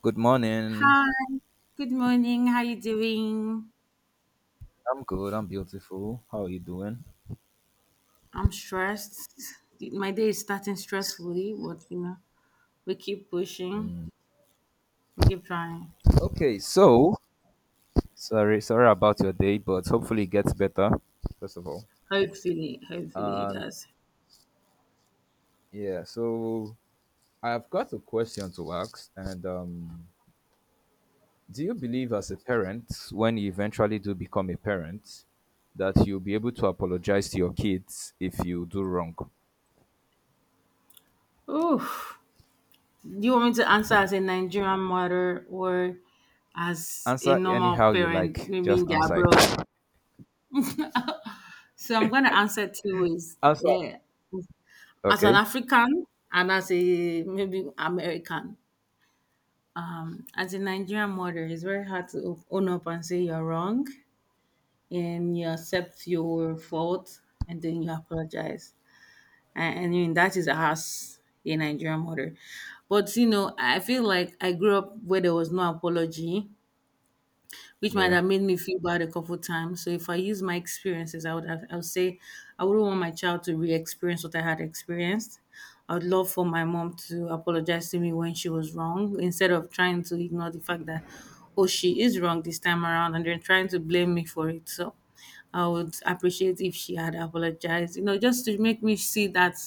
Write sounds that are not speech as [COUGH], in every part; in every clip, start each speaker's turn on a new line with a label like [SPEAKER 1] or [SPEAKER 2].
[SPEAKER 1] Good morning.
[SPEAKER 2] Hi, good morning. How you doing?
[SPEAKER 1] I'm good. I'm beautiful. How are you doing?
[SPEAKER 2] I'm stressed. My day is starting stressfully, but you know, we keep pushing,
[SPEAKER 1] Mm.
[SPEAKER 2] we keep trying.
[SPEAKER 1] Okay, so sorry about your day, but hopefully it gets better. First of all,
[SPEAKER 2] Hopefully, hopefully it
[SPEAKER 1] um,
[SPEAKER 2] does.
[SPEAKER 1] yeah. So I've got a question to ask, and do you believe as a parent, when you eventually do become a parent, that you'll be able to apologize to your kids if you do wrong?
[SPEAKER 2] Oh, do you want me to answer as a Nigerian mother or as a
[SPEAKER 1] Answer
[SPEAKER 2] normal
[SPEAKER 1] anyhow you
[SPEAKER 2] parent,
[SPEAKER 1] like.
[SPEAKER 2] maybe
[SPEAKER 1] Just
[SPEAKER 2] in the
[SPEAKER 1] answer
[SPEAKER 2] abroad?
[SPEAKER 1] it.
[SPEAKER 2] So I'm gonna answer two ways.
[SPEAKER 1] Answer.
[SPEAKER 2] Yeah. As an
[SPEAKER 1] Okay.
[SPEAKER 2] African and as a maybe American. As a Nigerian mother, it's very hard to own up and say you're wrong and you accept your fault and then you apologize. And I mean that is us, a Nigerian mother. But you know, I feel like I grew up where there was no apology, which might
[SPEAKER 1] Yeah.
[SPEAKER 2] have made me feel bad a couple times. So if I use my experiences, I would say I wouldn't want my child to re-experience what I had experienced. I would love for my mom to apologize to me when she was wrong instead of trying to ignore the fact that, oh, she is wrong this time around, and then trying to blame me for it. So I would appreciate if she had apologized, you know, just to make me see that,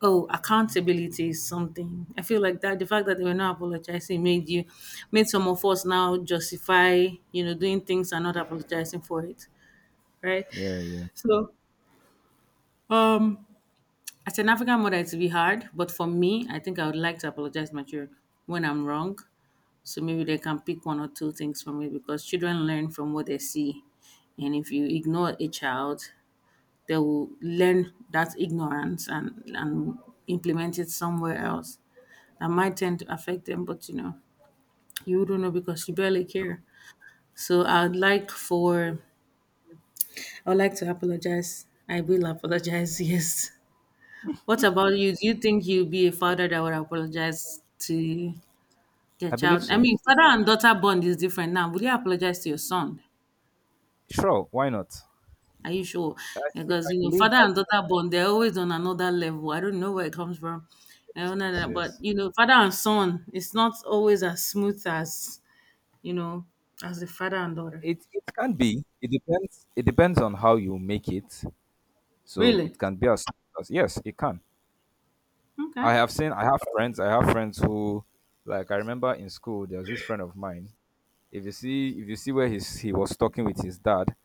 [SPEAKER 2] oh, accountability is something. I feel like that the fact that they were not apologizing made you, made some of us now justify, you know, doing things and not apologizing for it. Right?
[SPEAKER 1] Yeah. Yeah.
[SPEAKER 2] So um as an African mother it's be hard, but for me, I think I would like to apologize to my children when I'm wrong. So maybe they can pick one or two things from me because children learn from what they see. And if you ignore a child, they will learn that ignorance and implement it somewhere else that might tend to affect them, but you know, you do not know because you barely
[SPEAKER 1] True.
[SPEAKER 2] care. So I would like to apologize. I will apologize, [LAUGHS] yes. What about you? Do you think you'll be a father that would apologize to their
[SPEAKER 1] I believe
[SPEAKER 2] child? I
[SPEAKER 1] so.
[SPEAKER 2] mean, father and daughter bond is different now. Would you apologize to your son?
[SPEAKER 1] Sure, why not?
[SPEAKER 2] Are you sure?
[SPEAKER 1] I think
[SPEAKER 2] Because
[SPEAKER 1] I
[SPEAKER 2] you know,
[SPEAKER 1] believe
[SPEAKER 2] father
[SPEAKER 1] I
[SPEAKER 2] and
[SPEAKER 1] believe
[SPEAKER 2] daughter bond, they're always on another level. I don't know where it comes from. I don't know
[SPEAKER 1] yes.
[SPEAKER 2] that, but
[SPEAKER 1] Yes.
[SPEAKER 2] you know, father and son, it's not always as smooth as, you know, as the father and daughter.
[SPEAKER 1] It can be. It depends. It depends on how you make it. So it
[SPEAKER 2] Really?
[SPEAKER 1] can be as, yes, it can.
[SPEAKER 2] Okay.
[SPEAKER 1] I have seen. I have friends who, like, I remember in school there was this friend of mine. If you see where he was talking with his dad,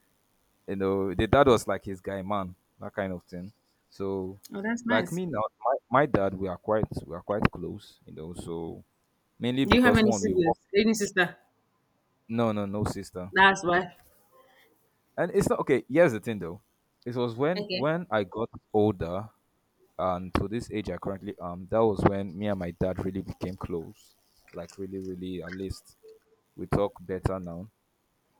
[SPEAKER 1] you know, the dad was like his guy man, that kind of thing. So,
[SPEAKER 2] Oh, that's
[SPEAKER 1] like
[SPEAKER 2] nice.
[SPEAKER 1] me now, my dad, we are quite close, you know. So mainly
[SPEAKER 2] Do you have
[SPEAKER 1] because
[SPEAKER 2] any
[SPEAKER 1] one, we
[SPEAKER 2] siblings?
[SPEAKER 1] work.
[SPEAKER 2] Any sister?
[SPEAKER 1] No, no, no sister.
[SPEAKER 2] That's why.
[SPEAKER 1] And it's not okay. Here's the thing, though. It was when
[SPEAKER 2] Okay.
[SPEAKER 1] when I got older and to this age I currently am. That was when me and my dad really became close. Like really, really. At least we talk better now.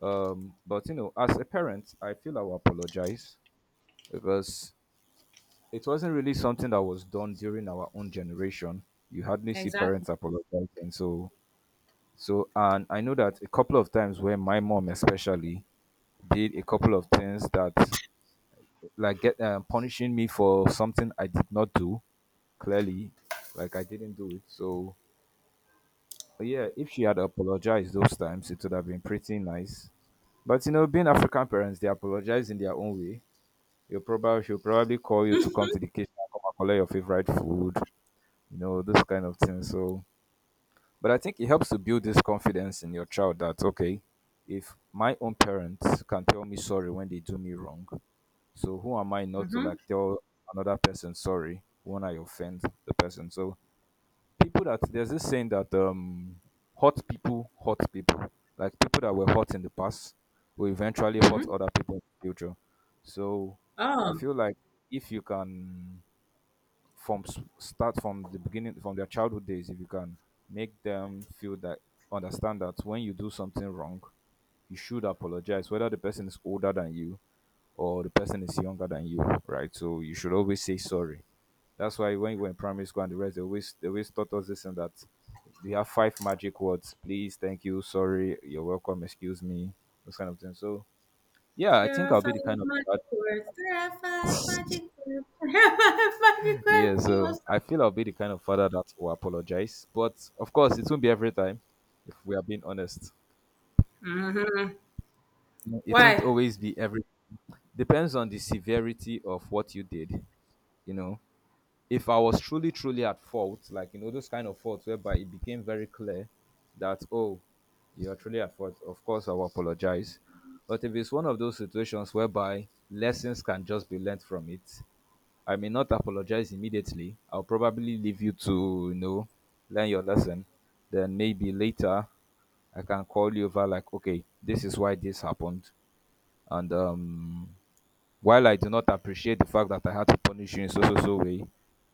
[SPEAKER 1] But you know, as a parent, I feel I will apologize because it wasn't really something that was done during our own generation. You hardly see
[SPEAKER 2] Exactly.
[SPEAKER 1] parents apologizing. So, and I know that a couple of times where my mom especially did a couple of things that like get punishing me for something I did not do. Clearly, like I didn't do it. So but yeah, if she had apologized those times, it would have been pretty nice. But you know, being African parents, they apologize in their own way. You probably she'll probably call you to come to the kitchen and come and collect your favorite food. You know, those kind of things. So, but I think it helps to build this confidence in your child that okay, if my own parents can tell me sorry when they do me wrong, so who am I not to
[SPEAKER 2] Mm-hmm.
[SPEAKER 1] like tell another person sorry when I offend the person? So people that there's this saying that hurt people hurt people. Like people that were hurt in the past will eventually hurt
[SPEAKER 2] Mm-hmm.
[SPEAKER 1] other people in the future. So I
[SPEAKER 2] Oh.
[SPEAKER 1] feel like if you can from start from the beginning from their childhood days, if you can make them feel that understand that when you do something wrong, you should apologize, whether the person is older than you or the person is younger than you, right? So you should always say sorry. That's why when you were in primary school and the rest, they always taught us this and that. We have five magic words: please, thank you, sorry, you're welcome, excuse me, those kind of things. So yeah, I
[SPEAKER 2] There
[SPEAKER 1] think
[SPEAKER 2] are
[SPEAKER 1] I'll be
[SPEAKER 2] five
[SPEAKER 1] the kind of dad-
[SPEAKER 2] magic words. There are five magic words. [LAUGHS] There are five magic
[SPEAKER 1] yeah. So
[SPEAKER 2] words.
[SPEAKER 1] I feel I'll be the kind of father that will apologize, but of course, it won't be every time. If we are being honest,
[SPEAKER 2] Mm-hmm.
[SPEAKER 1] it won't
[SPEAKER 2] Why?
[SPEAKER 1] always be every. Depends on the severity of what you did, you know if I was truly, truly at fault, like you know, those kind of faults whereby it became very clear that oh, you're truly at fault, of course I will apologize. But if it's one of those situations whereby lessons can just be learned from it, I may not apologize immediately. I'll probably leave you to, you know, learn your lesson. Then maybe later I can call you over like, okay, this is why this happened. And while I do not appreciate the fact that I had to punish you in so so so way,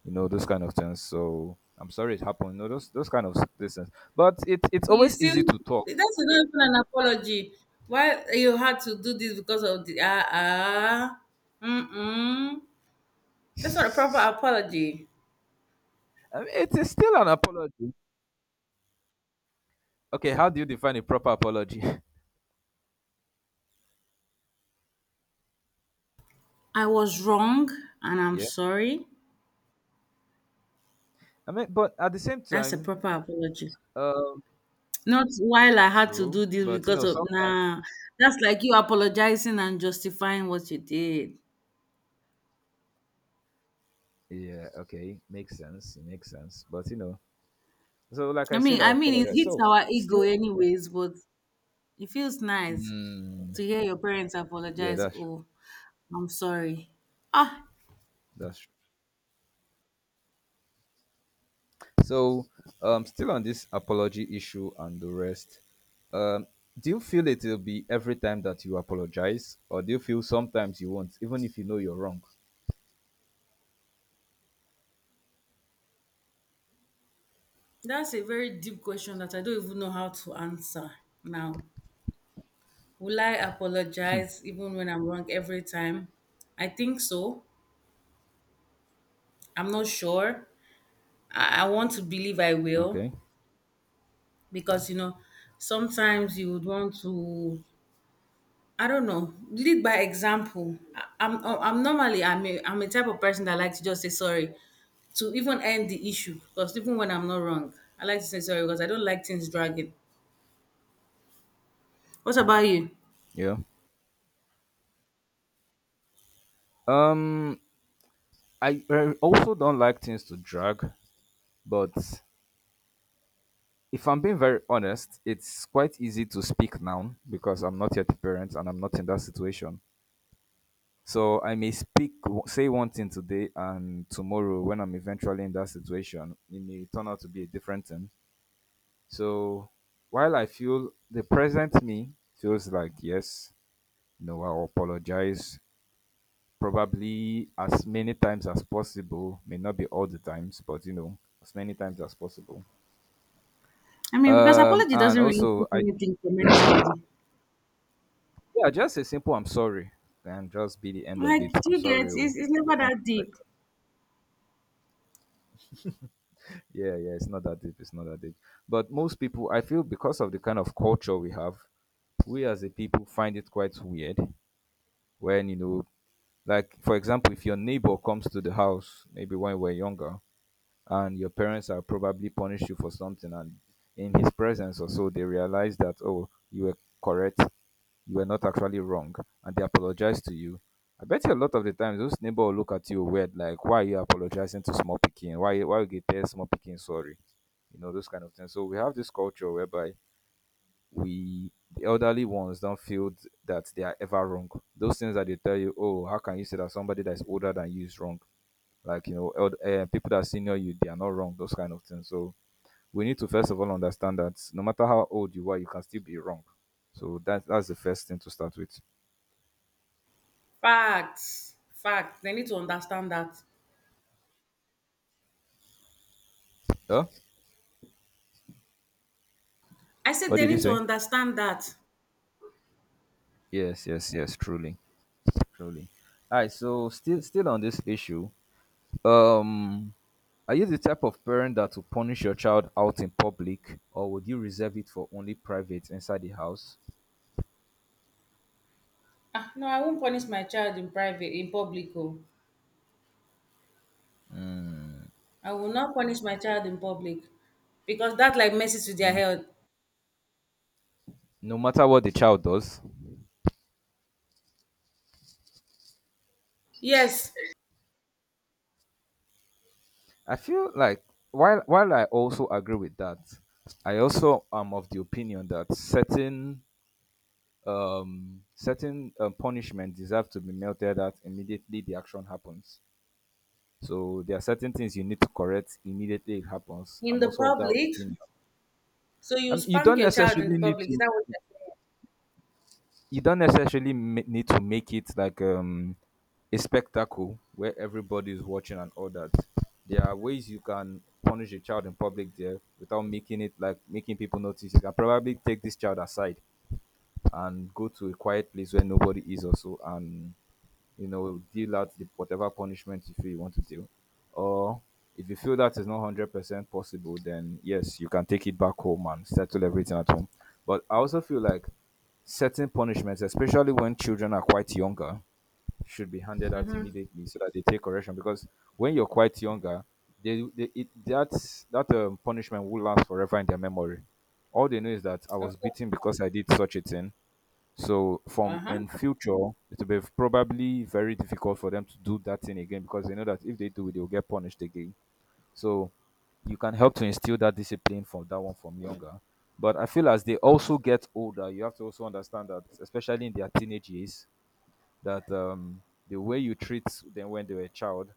[SPEAKER 1] you know, those kind of things. So I'm sorry it happened. You know, those kind of things. But it it's
[SPEAKER 2] You
[SPEAKER 1] always
[SPEAKER 2] still,
[SPEAKER 1] easy to talk.
[SPEAKER 2] that's not even an apology. Why you had to do this because of the mm that's not a proper
[SPEAKER 1] It's,
[SPEAKER 2] apology.
[SPEAKER 1] [LAUGHS] I mean, it is still an apology. Okay, how do you define a proper apology?
[SPEAKER 2] I was wrong and I'm
[SPEAKER 1] [LAUGHS] yeah,
[SPEAKER 2] sorry.
[SPEAKER 1] I mean, but at the same
[SPEAKER 2] That's a
[SPEAKER 1] time,
[SPEAKER 2] proper apology.
[SPEAKER 1] um,
[SPEAKER 2] Not while I had to
[SPEAKER 1] true.
[SPEAKER 2] do this
[SPEAKER 1] But you
[SPEAKER 2] because
[SPEAKER 1] know,
[SPEAKER 2] of
[SPEAKER 1] sometimes.
[SPEAKER 2] nah. That's like you apologizing and justifying what you did.
[SPEAKER 1] Yeah, okay. Makes sense. It makes sense. But you know, so like I
[SPEAKER 2] I mean,
[SPEAKER 1] said, I
[SPEAKER 2] I mean it
[SPEAKER 1] apologize.
[SPEAKER 2] hits
[SPEAKER 1] So
[SPEAKER 2] our ego
[SPEAKER 1] still
[SPEAKER 2] anyways, but it feels nice
[SPEAKER 1] mm,
[SPEAKER 2] to hear your parents
[SPEAKER 1] yeah,
[SPEAKER 2] apologize.
[SPEAKER 1] that's true.
[SPEAKER 2] Oh, I'm sorry. Ah,
[SPEAKER 1] That's true. So, still on this apology issue and the rest, um, do you feel it will be every time that you apologize, or do you feel sometimes you won't, even if you know you're wrong?
[SPEAKER 2] that's a very deep question that I don't even know how to answer now. Will I apologize even when I'm wrong every time? I think so. I'm not sure. I want to believe I will
[SPEAKER 1] Okay.
[SPEAKER 2] because, you know, sometimes you would want to, I don't know, lead by example. I, I'm normally, I'm a type of person that likes to just say sorry to even end the issue because even when I'm not wrong, I like to say sorry because I don't like things dragging. What about you?
[SPEAKER 1] Yeah. Um, I also don't like things to drag, but if I'm being very honest, it's quite easy to speak now because I'm not yet a parent and I'm not in that situation. So I may speak, say one thing today, and tomorrow, when I'm eventually in that situation, it may turn out to be a different thing. So while I feel the present me feels like, yes, you know, I'll apologize probably as many times as possible, may not be all the times, but you know, as many times as possible.
[SPEAKER 2] I mean, because apology
[SPEAKER 1] And
[SPEAKER 2] doesn't really
[SPEAKER 1] also,
[SPEAKER 2] take
[SPEAKER 1] I
[SPEAKER 2] anything from anybody.
[SPEAKER 1] yeah, just a simple I'm sorry, and just be the end of it.
[SPEAKER 2] Like, do
[SPEAKER 1] I'm
[SPEAKER 2] you get,
[SPEAKER 1] sorry,
[SPEAKER 2] it's,
[SPEAKER 1] oh,
[SPEAKER 2] it's
[SPEAKER 1] we
[SPEAKER 2] never
[SPEAKER 1] end
[SPEAKER 2] that
[SPEAKER 1] it like
[SPEAKER 2] deep.
[SPEAKER 1] that. Yeah, yeah, it's not that deep, it's not that deep. But most people, I feel, because of the kind of culture we have, we as a people find it quite weird when you know like, for example, if your neighbor comes to the house, maybe when you were younger, and your parents have probably punished you for something, and in his presence or so, they realize that, oh, you were correct, you were not actually wrong, and they apologize to you. I bet you a lot of the times those neighbor will look at you weird, like, why are you apologizing to small picking? Why you get tell small picking sorry? You know, those kind of things. So we have this culture whereby we the elderly ones don't feel that they are ever wrong. Those things that they tell you, oh, how can you say that somebody that is older than you is wrong? Like you know, people that are senior you, they are not wrong. Those kind of things. So we need to first of all understand that no matter how old you are, you can still be wrong. So that's the first thing to start with.
[SPEAKER 2] Facts. Facts. They need to understand that.
[SPEAKER 1] Huh?
[SPEAKER 2] I said
[SPEAKER 1] What
[SPEAKER 2] they
[SPEAKER 1] did you
[SPEAKER 2] need to
[SPEAKER 1] say?
[SPEAKER 2] understand that.
[SPEAKER 1] Yes, yes, yes. Truly, truly. All right. So still on this issue. Um, Are you the type of parent that will punish your child out in public, or would you reserve it for only private inside the house?
[SPEAKER 2] Ah, no, I won't punish my child in private, in public. Oh. I will not punish my child in public because that like messes with their
[SPEAKER 1] N-
[SPEAKER 2] health.
[SPEAKER 1] No matter what the child does.
[SPEAKER 2] Yes,
[SPEAKER 1] I feel like while I also agree with that, I also am of the opinion that certain punishment deserve to be melted at immediately the action happens. So there are certain things you need to correct immediately it happens.
[SPEAKER 2] in
[SPEAKER 1] I'm
[SPEAKER 2] the
[SPEAKER 1] also of that
[SPEAKER 2] public.
[SPEAKER 1] opinion.
[SPEAKER 2] So you
[SPEAKER 1] Um, you
[SPEAKER 2] spank
[SPEAKER 1] don't
[SPEAKER 2] your child in the
[SPEAKER 1] necessarily need
[SPEAKER 2] public. Is
[SPEAKER 1] to
[SPEAKER 2] that what you're
[SPEAKER 1] you don't necessarily need to make it like a spectacle where everybody is watching and all that. There are ways you can punish a child in public there without making it like making people notice. You can probably take this child aside and go to a quiet place where nobody is also and you know, deal out the, whatever punishment you feel you want to deal. Or if you feel that is not 100% possible, then yes, you can take it back home and settle everything at home. But I also feel like certain punishments, especially when children are quite younger, should be handed
[SPEAKER 2] saying?
[SPEAKER 1] out
[SPEAKER 2] Mm-hmm.
[SPEAKER 1] immediately so that they take correction. Because when you're quite younger, that punishment will last forever in their memory. All they know is that I was
[SPEAKER 2] Of course.
[SPEAKER 1] beaten because I did such a thing, so from
[SPEAKER 2] Uh-huh.
[SPEAKER 1] in future, it will be probably very difficult for them to do that thing again because they know that if they do, they will get punished again. So you can help to instill that discipline from that one from younger. But I feel as they also get older, you have to also understand that, especially in their teenage years, that the way you treat them when they were a child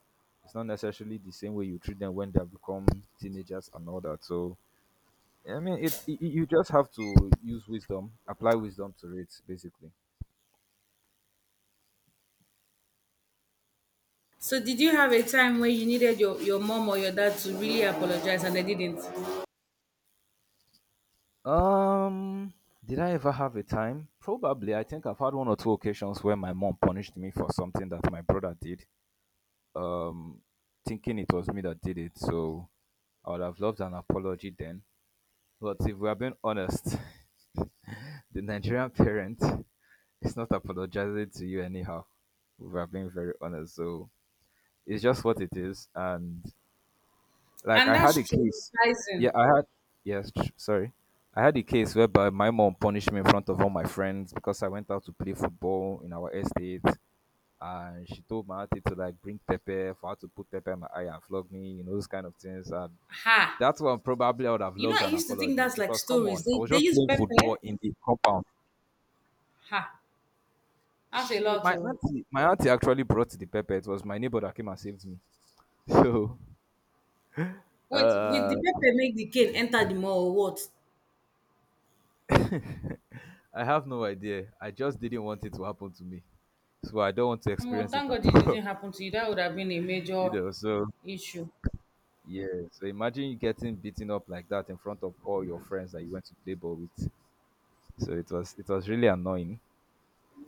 [SPEAKER 1] is not necessarily the same way you treat them when they have become teenagers and all that. So I mean, it you just have to use wisdom, apply wisdom to it, basically.
[SPEAKER 2] So did you have a time where you needed your mom or your dad to really apologize and they didn't?
[SPEAKER 1] Um, did I ever have a time? Probably. I think I've had one or two occasions where my mom punished me for something that my brother did, um, thinking it was me that did it. So I would have loved an apology then. But if we are being honest, [LAUGHS] the Nigerian parent is not apologizing to you anyhow. If we are being very honest. So it's just what it is. And Like
[SPEAKER 2] And
[SPEAKER 1] I had
[SPEAKER 2] that's
[SPEAKER 1] a case. Yeah,
[SPEAKER 2] traumatizing.
[SPEAKER 1] I had yes, tr- sorry. I had a case whereby my mom punished me in front of all my friends because I went out to play football in our estate, and she told my auntie to like bring pepper for her to put pepper in my eye and flog me, you know, those kind of things. And
[SPEAKER 2] Ha.
[SPEAKER 1] that's one probably I would have
[SPEAKER 2] You know,
[SPEAKER 1] loved
[SPEAKER 2] I
[SPEAKER 1] an
[SPEAKER 2] used to think
[SPEAKER 1] apology
[SPEAKER 2] that's like
[SPEAKER 1] because come
[SPEAKER 2] stories.
[SPEAKER 1] on, I was
[SPEAKER 2] They
[SPEAKER 1] just
[SPEAKER 2] use
[SPEAKER 1] playing
[SPEAKER 2] pepper.
[SPEAKER 1] football in the compound.
[SPEAKER 2] Ha. That's a
[SPEAKER 1] She
[SPEAKER 2] lot of,
[SPEAKER 1] my auntie actually brought the pepper. It was my neighbor that came and saved me. [LAUGHS] So
[SPEAKER 2] wait, with the
[SPEAKER 1] uh
[SPEAKER 2] pepper make the cane enter the mall or what?
[SPEAKER 1] [LAUGHS] I have no idea. I just didn't want it to happen to me. So I don't want to
[SPEAKER 2] Oh,
[SPEAKER 1] experience it
[SPEAKER 2] thank
[SPEAKER 1] at
[SPEAKER 2] God it
[SPEAKER 1] [LAUGHS] all.
[SPEAKER 2] didn't happen to you. That would have been a
[SPEAKER 1] you
[SPEAKER 2] major
[SPEAKER 1] know, so
[SPEAKER 2] issue.
[SPEAKER 1] yeah. So imagine you getting beaten up like that in front of all your friends that you went to play ball with. So it was really annoying.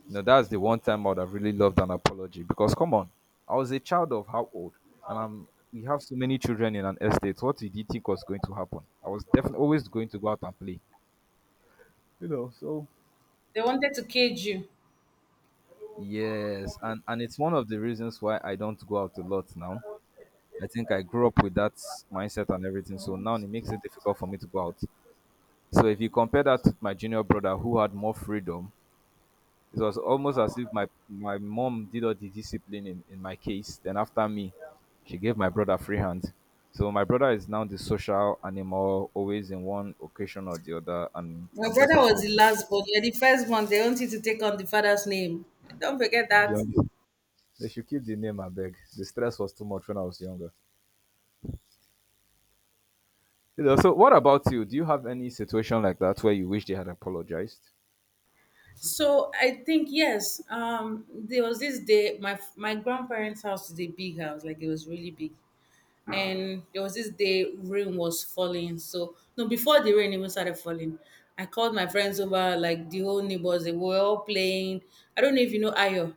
[SPEAKER 1] You know, that's the one time I would have really loved an apology because come on, I was a child of how old? And I'm We have so many children in an estate. What did you think was going to happen? I was definitely always going to go out and play. You know, so
[SPEAKER 2] They wanted to cage you.
[SPEAKER 1] yes, and it's one of the reasons why I don't go out a lot now. I think I grew up with that mindset and everything. So now it makes it difficult for me to go out. So if you compare that with my junior brother who had more freedom, it was almost as if my mom did all the disciplining in my case. Then after me, she gave my brother free hand. So my brother is now the social animal, always in one occasion or the other, and
[SPEAKER 2] My
[SPEAKER 1] I'm just
[SPEAKER 2] brother
[SPEAKER 1] at
[SPEAKER 2] was
[SPEAKER 1] home.
[SPEAKER 2] the last born. You're the first one. They want you to take on the father's name. Don't forget
[SPEAKER 1] I'll be
[SPEAKER 2] that.
[SPEAKER 1] honest. They should keep the name, I beg. The stress was too much when I was younger. You know, so what about you? Do you have any situation like that where you wish they had apologized?
[SPEAKER 2] So I think yes. There was this day. My grandparents' house is a big house, like it was really big. And there was this day rain was falling. So no, before the rain even started falling, I called my friends over, like the whole neighbors. They were all playing. I don't know if you know Ayo,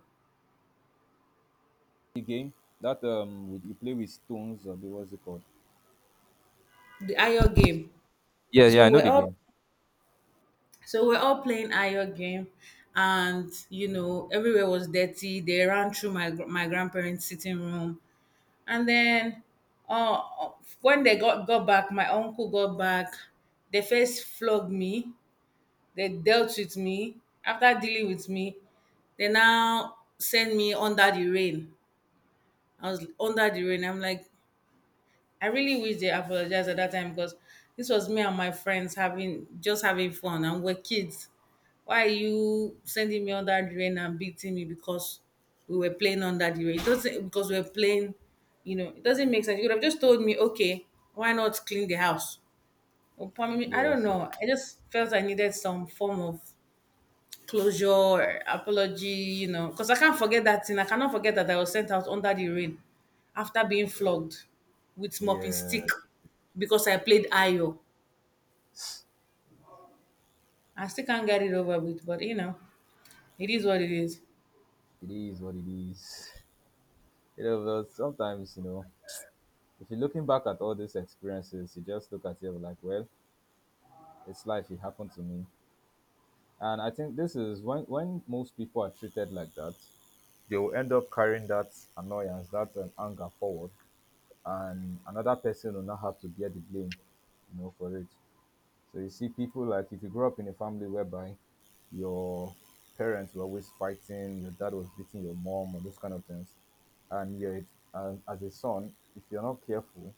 [SPEAKER 1] The game that with you play with stones or what's it called?
[SPEAKER 2] the Ayo game.
[SPEAKER 1] Yeah, yeah, I
[SPEAKER 2] So
[SPEAKER 1] know the game.
[SPEAKER 2] we're all playing Ayo game, and you know everywhere was dirty. They ran through my grandparents' sitting room. And then uh, when they got back, my uncle got back. They first flogged me. They dealt with me. After dealing with me, they now sent me under the rain. I was under the rain. I'm like, I really wish they apologized at that time because this was me and my friends having just having fun and we're kids. Why are you sending me on that drain and beating me because we were playing on that drain? It doesn't, because we were playing, you know, it doesn't make sense. You could have just told me, okay, why not clean the house? Or, I mean, I don't
[SPEAKER 1] Yes,
[SPEAKER 2] know.
[SPEAKER 1] yes,
[SPEAKER 2] I just felt I needed some form of closure, apology, you know, because I can't forget that thing. I cannot forget that I was sent out under the rain after being flogged with mopping
[SPEAKER 1] yeah.
[SPEAKER 2] stick because I played Ayo. I still can't get it over with, but you know, it is what it is.
[SPEAKER 1] It is what it is. [LAUGHS] You know, but sometimes, you know, if you're looking back at all these experiences, you just look at it like, well, it's life. It happened to me, and I think this is when most people are treated like that, they will end up carrying that annoyance, that anger forward, and another person will not have to bear the blame, you know, for it. So you see people, like if you grow up in a family whereby your parents were always fighting, your dad was beating your mom or those kind of things, and you're and as a son, if you're not careful,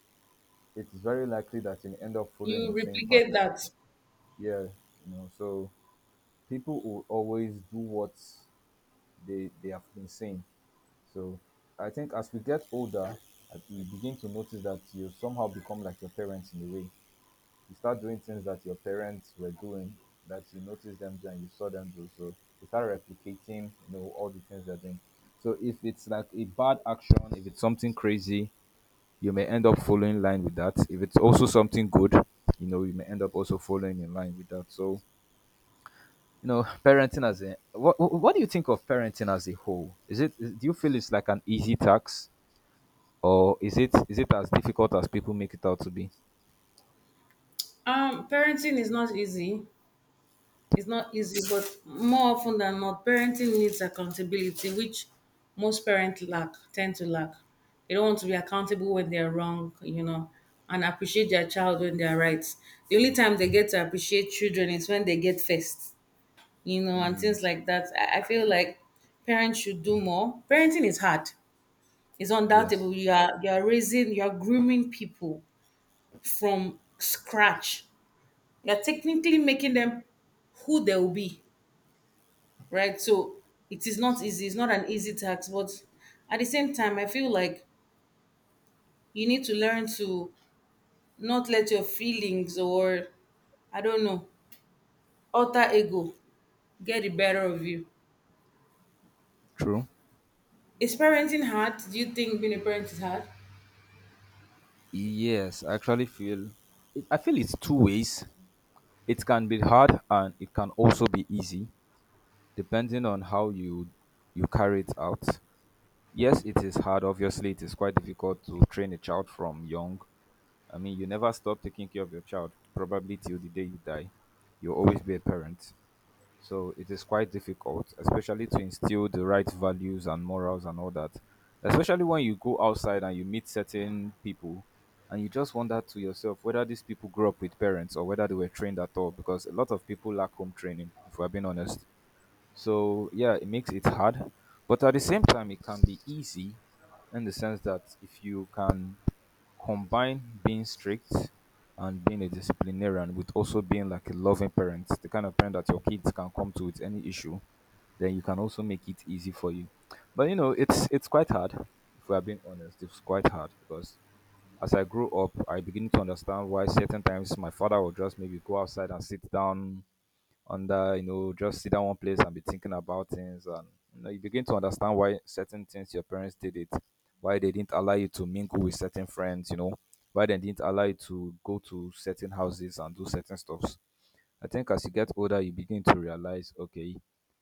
[SPEAKER 1] it's very likely that you end up following
[SPEAKER 2] You
[SPEAKER 1] the same path.
[SPEAKER 2] replicate that.
[SPEAKER 1] Yeah, you know, so people will always do what they have been saying. So I think as we get older, we begin to notice that you somehow become like your parents in a way. You start doing things that your parents were doing, that you noticed them do and you saw them do. So you start replicating, you know, all the things they're doing. So if it's like a bad action, if it's something crazy, you may end up following in line with that. If it's also something good, you know, you may end up also following in line with that. So, you know, parenting as a what do you think of parenting as a whole? Is it? Do you feel it's like an easy task, or is it as difficult as people make it out to be?
[SPEAKER 2] Parenting is not easy. It's not easy, but more often than not, parenting needs accountability, which tend to lack. They don't want to be accountable when they're wrong, you know, and appreciate their child when they're right. The only time they get to appreciate children is when they get first, you know, and
[SPEAKER 1] Mm,
[SPEAKER 2] things
[SPEAKER 1] tr-
[SPEAKER 2] like that. I feel like parents should do more. Parenting is hard. It's
[SPEAKER 1] yes,
[SPEAKER 2] undoubtable. You are raising, you are grooming people from scratch. You're technically making them who they will be, right? So it is not easy. It's not an easy task, but at the same time, I feel like you need to learn to not let your feelings or, I don't know, alter ego get the better of you.
[SPEAKER 1] true.
[SPEAKER 2] Is parenting hard? Do you think being a parent is hard?
[SPEAKER 1] Yes, I actually feel I feel it's two ways. It can be hard and it can also be easy, depending on how you carry it out. Yes, it is hard. Obviously, it is quite difficult to train a child from young. I mean, you never stop taking care of your child, probably till the day you die. You'll always be a parent. So it is quite difficult, especially to instill the right values and morals and all that. Especially when you go outside and you meet certain people and you just wonder to yourself whether these people grew up with parents or whether they were trained at all, because a lot of people lack home training, if we're being honest. So yeah, it makes it hard. But at the same time, it can be easy in the sense that if you can combine being strict and being a disciplinarian with also being like a loving parent, the kind of parent that your kids can come to with any issue, then you can also make it easy for you. But you know, it's quite hard. If we are being honest, it's quite hard because as I grew up, I begin to understand why certain times my father would just maybe go outside and sit down, under, you know, just sit down one place and be thinking about things, and you know, you begin to understand why certain things your parents did it, why they didn't allow you to mingle with certain friends, you know, why they didn't allow you to go to certain houses and do certain stuffs. I think as you get older you begin to realize, okay,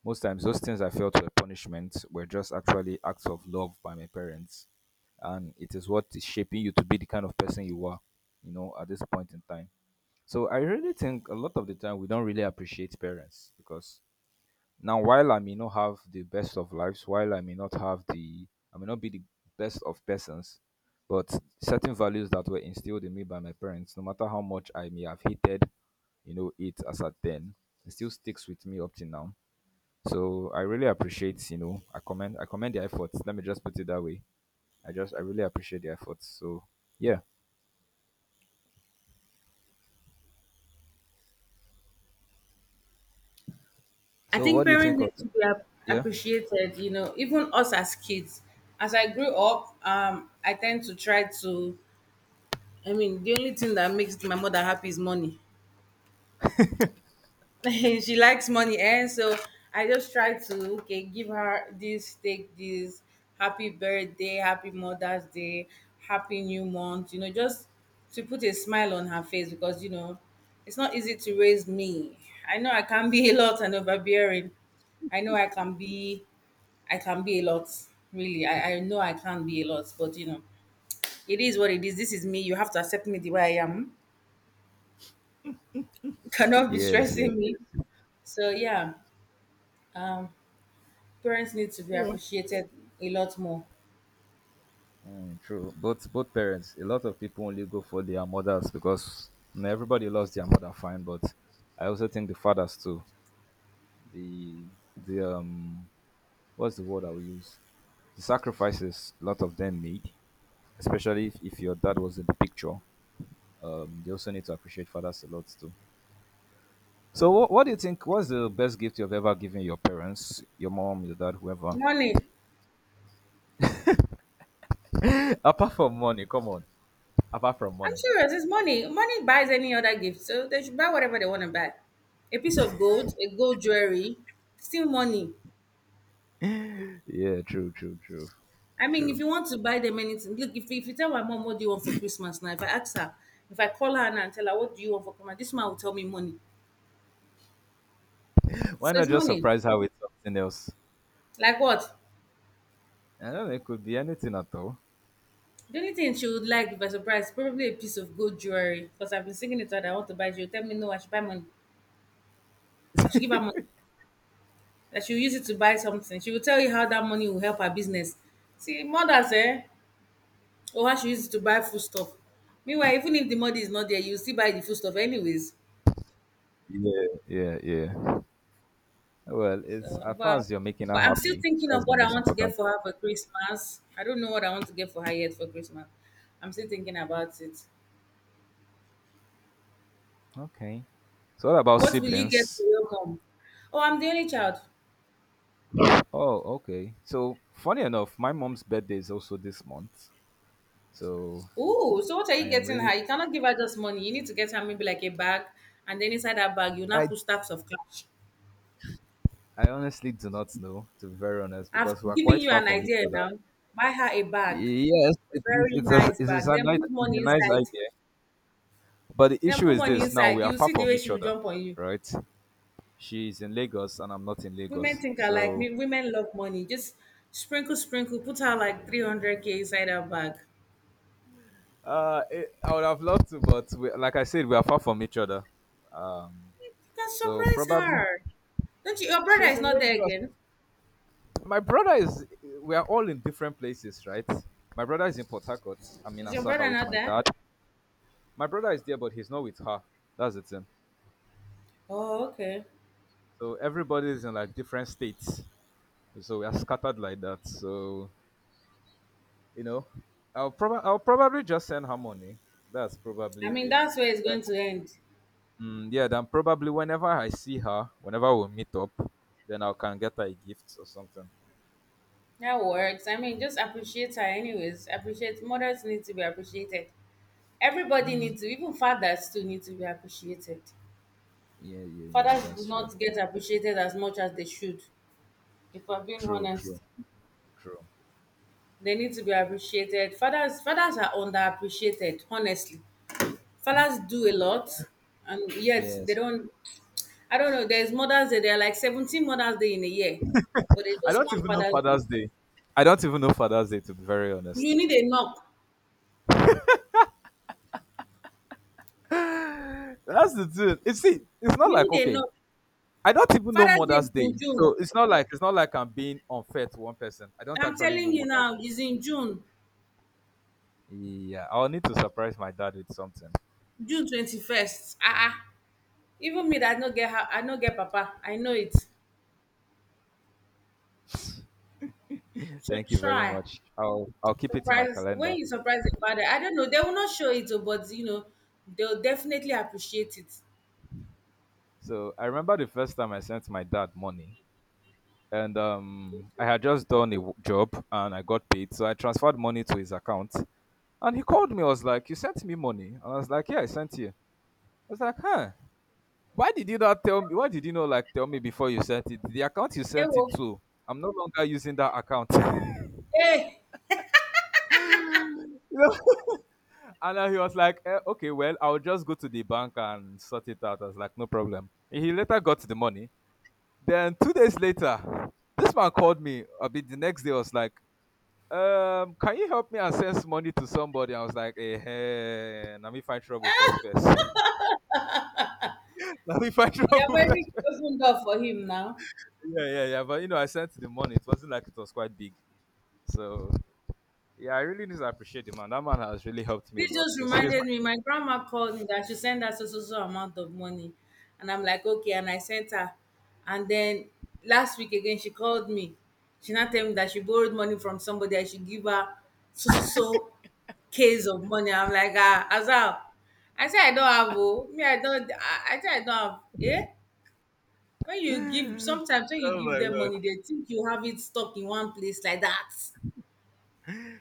[SPEAKER 1] most times those things I felt were punishment were just actually acts of love by my parents, and it is what is shaping you to be the kind of person you are, you know, at this point in time. So I really think a lot of the time we don't really appreciate parents because now while I may not have the best of lives, while I may not have the I may not be the best of persons, but certain values that were instilled in me by my parents, no matter how much I may have hated, you know, it as at then, it still sticks with me up till now. So I really appreciate, you know, I commend the efforts. Let me just put it that way. I really appreciate the efforts. So yeah.
[SPEAKER 2] I
[SPEAKER 1] So what
[SPEAKER 2] think
[SPEAKER 1] do you
[SPEAKER 2] parents
[SPEAKER 1] think of
[SPEAKER 2] need to be
[SPEAKER 1] yeah?
[SPEAKER 2] appreciated. You know, even us as kids. As I grew up, I tend to try to. I mean, the only thing that makes my mother happy is money. [LAUGHS] She likes money, eh? So I just try to, okay, give her this, take this, happy birthday, happy Mother's Day, happy new month. You know, just to put a smile on her face because you know it's not easy to raise me. I know I can be [LAUGHS] a lot and overbearing. I know I can be a lot. Really, I know I can be a lot, but you know, it is what it is. This is me. You have to accept me the way I am. [LAUGHS] Cannot be
[SPEAKER 1] Yes, yes,
[SPEAKER 2] stressing me.
[SPEAKER 1] yes.
[SPEAKER 2] So yeah, um, parents need to be appreciated a lot more.
[SPEAKER 1] Mm, true. Both parents. A lot of people only go for their mothers because, you know, everybody loves their mother, fine. But I also think the fathers too. The the what's the word I will use? The sacrifices a lot of them made, especially if your dad was in the picture. They also need to appreciate fathers a lot too. So what do you think? What's the best gift you've ever given your parents, your mom, your dad, whoever?
[SPEAKER 2] Money.
[SPEAKER 1] [LAUGHS] Apart from money, come on. Apart from
[SPEAKER 2] I'm
[SPEAKER 1] money.
[SPEAKER 2] serious. It's money. Money buys any other gift. So they should buy whatever they want to buy. A piece of gold, a gold jewelry, still money.
[SPEAKER 1] Yeah,
[SPEAKER 2] I mean, if
[SPEAKER 1] true.
[SPEAKER 2] you want to buy them anything, look, if you tell my mom, what do you want for Christmas now? If I ask her, if I call her now and tell her, what do you want for Christmas? This man will tell me money. So
[SPEAKER 1] Why not
[SPEAKER 2] it's
[SPEAKER 1] just
[SPEAKER 2] money.
[SPEAKER 1] surprise her with something else?
[SPEAKER 2] Like what?
[SPEAKER 1] I don't know, it could be anything at all.
[SPEAKER 2] The only thing she would like, if I surprise, probably a piece of gold jewelry. Because I've been singing it out. I want to buy it. She'll tell me, no, I should buy money. I should give her money, that she'll use it to buy something. She will tell you how that money will help her business. See, mothers, eh? Or how she uses it to buy food stuff. Meanwhile, even if the money is not there, you still buy the food stuff anyways.
[SPEAKER 1] Yeah, yeah, yeah. Well, it's
[SPEAKER 2] So,
[SPEAKER 1] as far as you're making her
[SPEAKER 2] but I'm still
[SPEAKER 1] happy,
[SPEAKER 2] thinking of
[SPEAKER 1] that's the
[SPEAKER 2] what I
[SPEAKER 1] most
[SPEAKER 2] want to
[SPEAKER 1] important
[SPEAKER 2] get for
[SPEAKER 1] thing.
[SPEAKER 2] her for Christmas. I don't know what I want to get for her yet for Christmas. I'm still thinking about it.
[SPEAKER 1] Okay. So what about
[SPEAKER 2] What will you get for
[SPEAKER 1] siblings?
[SPEAKER 2] your mom? Oh, I'm the only child.
[SPEAKER 1] Oh, okay. So funny enough, my mom's birthday is also this month. So
[SPEAKER 2] Oh, so what are
[SPEAKER 1] I
[SPEAKER 2] you
[SPEAKER 1] am
[SPEAKER 2] getting her?
[SPEAKER 1] really
[SPEAKER 2] You cannot give her just money. You need to get her maybe like a bag, and then inside that bag, you now
[SPEAKER 1] I
[SPEAKER 2] put stacks of cash.
[SPEAKER 1] I honestly do not know, to be very honest,
[SPEAKER 2] I've
[SPEAKER 1] because we are
[SPEAKER 2] given
[SPEAKER 1] quite
[SPEAKER 2] you
[SPEAKER 1] far
[SPEAKER 2] an
[SPEAKER 1] from each
[SPEAKER 2] idea
[SPEAKER 1] other.
[SPEAKER 2] now. Buy her a bag,
[SPEAKER 1] Yes,
[SPEAKER 2] a very nice bag. Then put
[SPEAKER 1] it's a
[SPEAKER 2] money
[SPEAKER 1] nice
[SPEAKER 2] inside.
[SPEAKER 1] idea. But the
[SPEAKER 2] Then
[SPEAKER 1] issue
[SPEAKER 2] put
[SPEAKER 1] is
[SPEAKER 2] money
[SPEAKER 1] this: now we
[SPEAKER 2] inside.
[SPEAKER 1] are
[SPEAKER 2] You
[SPEAKER 1] far
[SPEAKER 2] see the
[SPEAKER 1] from
[SPEAKER 2] way
[SPEAKER 1] each
[SPEAKER 2] she will
[SPEAKER 1] other,
[SPEAKER 2] jump on you.
[SPEAKER 1] right? She's in Lagos and I'm not in
[SPEAKER 2] Women
[SPEAKER 1] Lagos.
[SPEAKER 2] think are like
[SPEAKER 1] So
[SPEAKER 2] me. Women love money. Just sprinkle, sprinkle. Put her like 300k inside her bag.
[SPEAKER 1] I would have loved to, but we, like I said, we are far from each other. Um,
[SPEAKER 2] You can
[SPEAKER 1] so
[SPEAKER 2] surprise
[SPEAKER 1] probably
[SPEAKER 2] her. Don't you? Your brother
[SPEAKER 1] she's
[SPEAKER 2] is
[SPEAKER 1] in
[SPEAKER 2] not there
[SPEAKER 1] Lagos.
[SPEAKER 2] again.
[SPEAKER 1] My brother is. We are all in different places, right? My brother is in Port Harcourt. I'm in
[SPEAKER 2] Is your
[SPEAKER 1] Asaba
[SPEAKER 2] brother
[SPEAKER 1] with
[SPEAKER 2] not
[SPEAKER 1] my
[SPEAKER 2] there?
[SPEAKER 1] dad. My brother is there, but he's not with her. That's the thing.
[SPEAKER 2] Oh, okay.
[SPEAKER 1] So everybody is in like different states. So we are scattered like that. So you know, I'll probably just send her money. That's
[SPEAKER 2] I
[SPEAKER 1] probably
[SPEAKER 2] mean,
[SPEAKER 1] it.
[SPEAKER 2] that's where it's going to end.
[SPEAKER 1] Mm, yeah, then probably whenever I see her, whenever we meet up, then I can get her a gift or something.
[SPEAKER 2] That works. I mean, just appreciate her, anyways. Appreciate mothers need to be appreciated. Everybody needs to, even fathers too need to be appreciated.
[SPEAKER 1] Yeah, yeah, yeah.
[SPEAKER 2] Fathers
[SPEAKER 1] That's
[SPEAKER 2] do
[SPEAKER 1] true.
[SPEAKER 2] not get appreciated as much as they should, if we're being
[SPEAKER 1] True,
[SPEAKER 2] honest.
[SPEAKER 1] true, true.
[SPEAKER 2] They need to be appreciated. Fathers are underappreciated, honestly. Fathers do a lot and yet they
[SPEAKER 1] Yes.
[SPEAKER 2] don't I don't know, there's Mother's Day, there are like 17 Mother's Day in a year, but they
[SPEAKER 1] I
[SPEAKER 2] just
[SPEAKER 1] don't
[SPEAKER 2] want
[SPEAKER 1] even know
[SPEAKER 2] Father's Day.
[SPEAKER 1] Father's Day. I don't even know Father's Day, to be very
[SPEAKER 2] You
[SPEAKER 1] honest.
[SPEAKER 2] need a knock.
[SPEAKER 1] That's the thing. You see, it's not
[SPEAKER 2] You
[SPEAKER 1] like
[SPEAKER 2] need a
[SPEAKER 1] okay,
[SPEAKER 2] knock.
[SPEAKER 1] I don't even know
[SPEAKER 2] Father's Day is
[SPEAKER 1] Mother's Day.
[SPEAKER 2] in June.
[SPEAKER 1] So it's not like I'm being unfair to one person. I don't
[SPEAKER 2] I'm
[SPEAKER 1] actually know
[SPEAKER 2] telling you
[SPEAKER 1] Mother's
[SPEAKER 2] now,
[SPEAKER 1] Day.
[SPEAKER 2] it's in June,
[SPEAKER 1] Yeah, I'll need to surprise my dad with something.
[SPEAKER 2] June 21st. Ah, ah. Even me that I no get how I no get papa. I know it. So
[SPEAKER 1] Thank you very
[SPEAKER 2] try.
[SPEAKER 1] much. I'll keep it in my
[SPEAKER 2] Surprise
[SPEAKER 1] calendar.
[SPEAKER 2] when you surprise the father, I don't know, they will not show it, oh, but you know, they'll definitely appreciate it.
[SPEAKER 1] So I remember the first time I sent my dad money, and I had just done a job and I got paid. So I transferred money to his account, and he called me. I was like, "You sent me money?" And I was like, "Yeah, I sent you." I was like, "Huh? Why did you not tell me? Why did you not like tell me before you sent it? The account you
[SPEAKER 2] Hey,
[SPEAKER 1] sent it to, I'm no longer using that account." [LAUGHS]
[SPEAKER 2] hey,
[SPEAKER 1] You know? And then he was like, okay, well, I'll just go to the bank and sort it out. I was like, no problem. He later got the money. Then 2 days later, this man called me a bit the next day. I was like, can you help me and access money to somebody? I was like, eh, hey, let me find trouble first, first. [LAUGHS] Let me find
[SPEAKER 2] you have
[SPEAKER 1] trouble [LAUGHS] first,
[SPEAKER 2] already
[SPEAKER 1] first.
[SPEAKER 2] opened door for him now.
[SPEAKER 1] Yeah, yeah, yeah. But you know, I sent the money. It wasn't like it was quite big. So yeah, I really need to appreciate the man. That man has really helped me a
[SPEAKER 2] This
[SPEAKER 1] lot.
[SPEAKER 2] just
[SPEAKER 1] He's my,
[SPEAKER 2] reminded me, my grandma called me that she sent us a so so so amount of money. And I'm like, okay, and I sent her. And then last week again she called me. She now tell me that she borrowed money from somebody I should give her so so so case of money. I'm like, ah, Azal. I say I don't have oh. Me, I don't I say I don't have. Eh? When you give sometimes when you
[SPEAKER 1] oh
[SPEAKER 2] give
[SPEAKER 1] my
[SPEAKER 2] them
[SPEAKER 1] god.
[SPEAKER 2] money, they think you have it stuck in one place like that.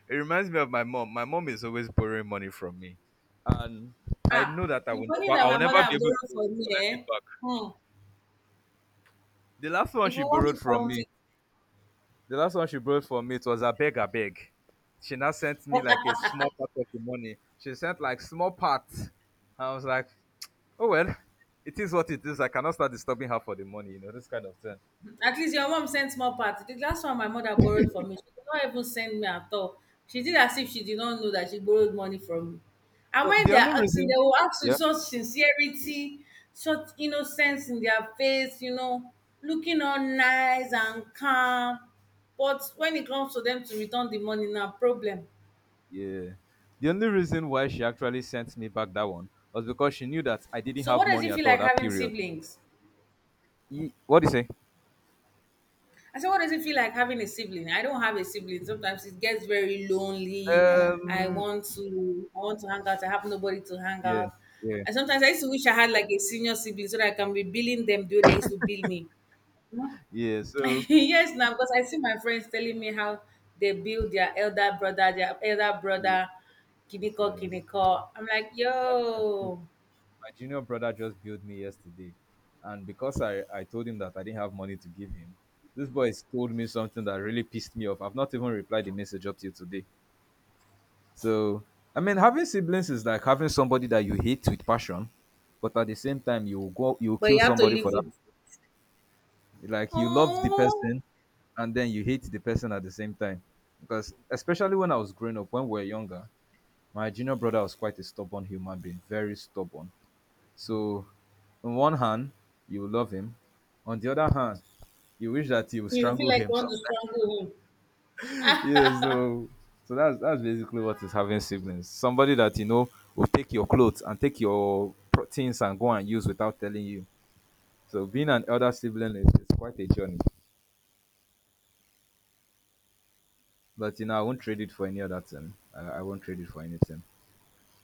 [SPEAKER 1] It reminds me of my mom. My mom is always borrowing money from me. And I
[SPEAKER 2] Ah,
[SPEAKER 1] know that
[SPEAKER 2] the money that
[SPEAKER 1] I will
[SPEAKER 2] my
[SPEAKER 1] never
[SPEAKER 2] mother
[SPEAKER 1] be able
[SPEAKER 2] borrowed
[SPEAKER 1] to
[SPEAKER 2] for me,
[SPEAKER 1] collect
[SPEAKER 2] eh?
[SPEAKER 1] it back.
[SPEAKER 2] Hmm.
[SPEAKER 1] The last one
[SPEAKER 2] If we
[SPEAKER 1] she
[SPEAKER 2] want
[SPEAKER 1] borrowed
[SPEAKER 2] to
[SPEAKER 1] from
[SPEAKER 2] count
[SPEAKER 1] me,
[SPEAKER 2] it,
[SPEAKER 1] The last one she brought for me, it was a beg, a beg. She now sent me like a small part of the money. She sent like small part. I was like, oh well, it is what it is. I cannot start disturbing her for the money, you know, this kind of thing.
[SPEAKER 2] at least your mom sent small parts. The last one my mother borrowed for me, she did not even send me at all. She did as if she did not know that she borrowed money from me. And
[SPEAKER 1] So
[SPEAKER 2] when
[SPEAKER 1] the
[SPEAKER 2] they
[SPEAKER 1] only
[SPEAKER 2] are asking,
[SPEAKER 1] reason,
[SPEAKER 2] they will ask with
[SPEAKER 1] yeah,
[SPEAKER 2] such sincerity, such innocence in their face, you know, looking all nice and calm. But when it comes to them to return the money, now problem.
[SPEAKER 1] yeah, the only reason why she actually sent me back that one was because she knew that I didn't
[SPEAKER 2] So
[SPEAKER 1] have
[SPEAKER 2] what does
[SPEAKER 1] money
[SPEAKER 2] it
[SPEAKER 1] at
[SPEAKER 2] feel
[SPEAKER 1] all
[SPEAKER 2] like
[SPEAKER 1] that
[SPEAKER 2] having
[SPEAKER 1] period.
[SPEAKER 2] siblings?
[SPEAKER 1] What do you say?
[SPEAKER 2] I said, what does it feel like having a sibling? I don't have a sibling. Sometimes it gets very lonely.
[SPEAKER 1] Um,
[SPEAKER 2] I want to hang out. I have nobody to hang
[SPEAKER 1] yeah,
[SPEAKER 2] out.
[SPEAKER 1] yeah,
[SPEAKER 2] And sometimes I used to wish I had like a senior sibling so that I can be billing them though they used to bill me. Mhm.
[SPEAKER 1] yeah. So
[SPEAKER 2] [LAUGHS] Yes, now because I see my friends telling me how they build their elder
[SPEAKER 1] yes,
[SPEAKER 2] brother, kiniko
[SPEAKER 1] yes.
[SPEAKER 2] kiniko. I'm like, yo,
[SPEAKER 1] My junior brother just billed me yesterday, and because I told him that I didn't have money to give him, this boy told me something that really pissed me off. I've not even replied the message up till today. So I mean, having siblings is like having somebody that you hate with passion, but at the same time you will
[SPEAKER 2] but
[SPEAKER 1] kill
[SPEAKER 2] you have to
[SPEAKER 1] somebody
[SPEAKER 2] live
[SPEAKER 1] for that.
[SPEAKER 2] with.
[SPEAKER 1] Like you love the
[SPEAKER 2] Oh,
[SPEAKER 1] person, and then you hate the person at the same time. Because especially when I was growing up, when we were younger, my junior brother was quite a stubborn human being, very stubborn. So, on one hand, you love him. On the other hand, you wish that you would
[SPEAKER 2] you feel
[SPEAKER 1] strangle
[SPEAKER 2] like you
[SPEAKER 1] him. So,
[SPEAKER 2] want to strangle him.
[SPEAKER 1] [LAUGHS] yeah, so that's basically what is having siblings. Somebody that you know will take your clothes and take your things and go and use without telling you. So being an elder sibling is quite a journey. But you know, I won't trade it for any other thing. I won't trade it for anything.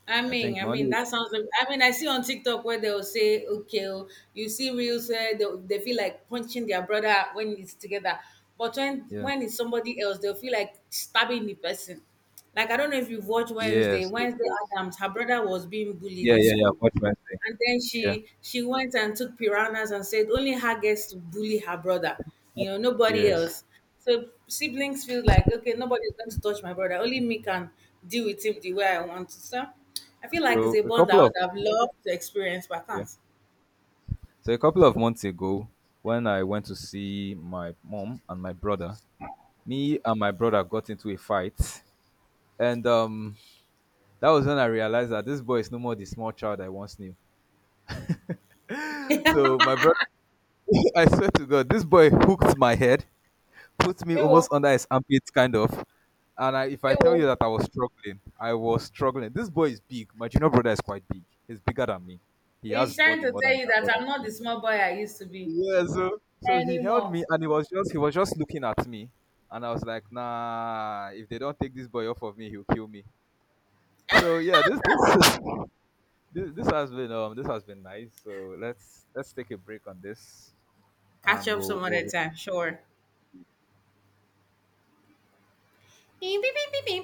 [SPEAKER 2] I
[SPEAKER 1] I think
[SPEAKER 2] mean, I
[SPEAKER 1] my
[SPEAKER 2] mean,
[SPEAKER 1] only
[SPEAKER 2] that sounds. Like- I mean, I see on TikTok where they'll say, "Okay, oh," you see reels where they feel like punching their brother when it's together, but when
[SPEAKER 1] yeah.
[SPEAKER 2] when it's somebody else, they'll feel like stabbing the person. Like I don't know if you've watched Wednesday.
[SPEAKER 1] Yes, yes,
[SPEAKER 2] Wednesday
[SPEAKER 1] yes.
[SPEAKER 2] Adams, her brother was being bullied
[SPEAKER 1] Yeah,
[SPEAKER 2] in
[SPEAKER 1] yeah, yeah.
[SPEAKER 2] school,
[SPEAKER 1] What you might say.
[SPEAKER 2] and then
[SPEAKER 1] Yeah.
[SPEAKER 2] she went and took piranhas and said only her gets to bully her brother, you know, nobody
[SPEAKER 1] Yes.
[SPEAKER 2] else. So siblings feel like okay, nobody's going to touch my brother. Only me can deal with him the way I want to. So I feel like it's
[SPEAKER 1] So
[SPEAKER 2] a
[SPEAKER 1] a
[SPEAKER 2] bond that
[SPEAKER 1] couple
[SPEAKER 2] I
[SPEAKER 1] of
[SPEAKER 2] would have loved to experience, but I
[SPEAKER 1] yeah.
[SPEAKER 2] can't.
[SPEAKER 1] So a couple of months ago, when I went to see my mom and my brother, me and my brother got into a fight. And that was when I realized that this boy is no more the small child I once knew. So my brother [LAUGHS] I swear to God, this boy hooked my head, put me
[SPEAKER 2] Ewo,
[SPEAKER 1] almost under his armpit kind of. And I, if I
[SPEAKER 2] Ewo,
[SPEAKER 1] tell you that I was struggling, I was struggling. This boy is big. My junior brother is quite big. He's bigger than me. He has
[SPEAKER 2] he's trying
[SPEAKER 1] body
[SPEAKER 2] to
[SPEAKER 1] more
[SPEAKER 2] tell
[SPEAKER 1] than
[SPEAKER 2] you that I'm not
[SPEAKER 1] me.
[SPEAKER 2] the small boy I used to be
[SPEAKER 1] Yeah, so he held
[SPEAKER 2] anymore.
[SPEAKER 1] me and he was just looking at me, and I was like, nah, if they don't take this boy off of me, he'll kill me. So yeah, this [LAUGHS] this has been nice, so let's take a break on this,
[SPEAKER 2] Catch
[SPEAKER 1] and
[SPEAKER 2] up some other
[SPEAKER 1] we'll
[SPEAKER 2] time, sure. [LAUGHS]